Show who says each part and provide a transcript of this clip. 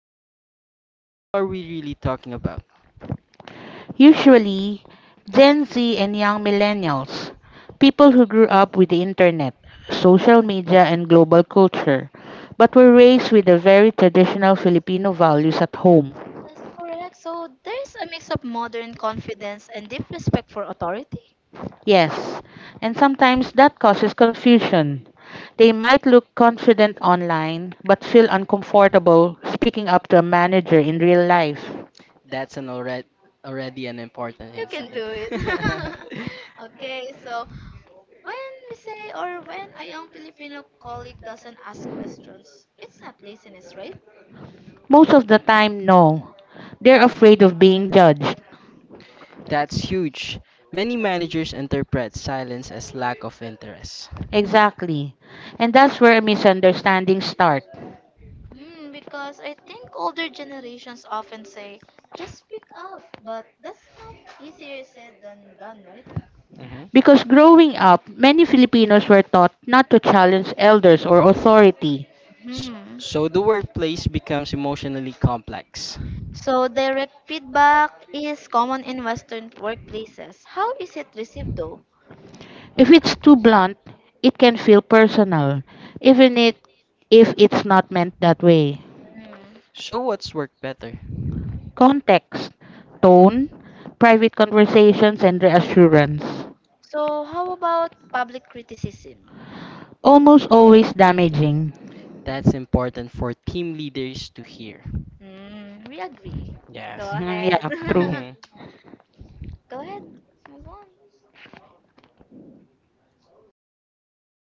Speaker 1: colleagues, who are we really talking about?
Speaker 2: Usually Gen Z and young millennials, people who grew up with the internet, social media, and global culture, but were raised with the very traditional Filipino values at home.
Speaker 3: That's correct. So there's a mix of modern confidence and deep respect for authority.
Speaker 2: Yes, and sometimes that causes confusion. They might look confident online, but feel uncomfortable speaking up to a manager in real life.
Speaker 1: That's an already already an important
Speaker 3: You can
Speaker 1: insight.
Speaker 3: do it. Okay, so when we say or when a young Filipino colleague doesn't ask questions, it's not laziness, right?
Speaker 2: Most of the time, no. They're afraid of being judged.
Speaker 1: That's huge. Many managers interpret silence as lack of interest.
Speaker 2: Exactly. And that's where misunderstandings start.
Speaker 3: Mm, because I think older generations often say, just speak up, but that's not easier said than done, right?
Speaker 1: Mhm.
Speaker 2: Because growing up, many Filipinos were taught not to challenge elders or authority.
Speaker 1: S-
Speaker 3: Hmm.
Speaker 1: So the workplace becomes emotionally complex.
Speaker 3: So direct feedback is common in Western workplaces. How is it received though?
Speaker 2: If it's too blunt, it can feel personal, even it, if it's not meant that way.
Speaker 3: Mm.
Speaker 1: So what's work better?
Speaker 2: Context, tone, private conversations, and reassurance.
Speaker 3: So how about public criticism?
Speaker 2: Almost always damaging.
Speaker 1: That's important for team leaders to hear.
Speaker 3: Mm. We agree. Go
Speaker 1: Yes.
Speaker 2: Mhm.
Speaker 3: ahead.
Speaker 2: Yeah, true.
Speaker 3: Go ahead. Move on.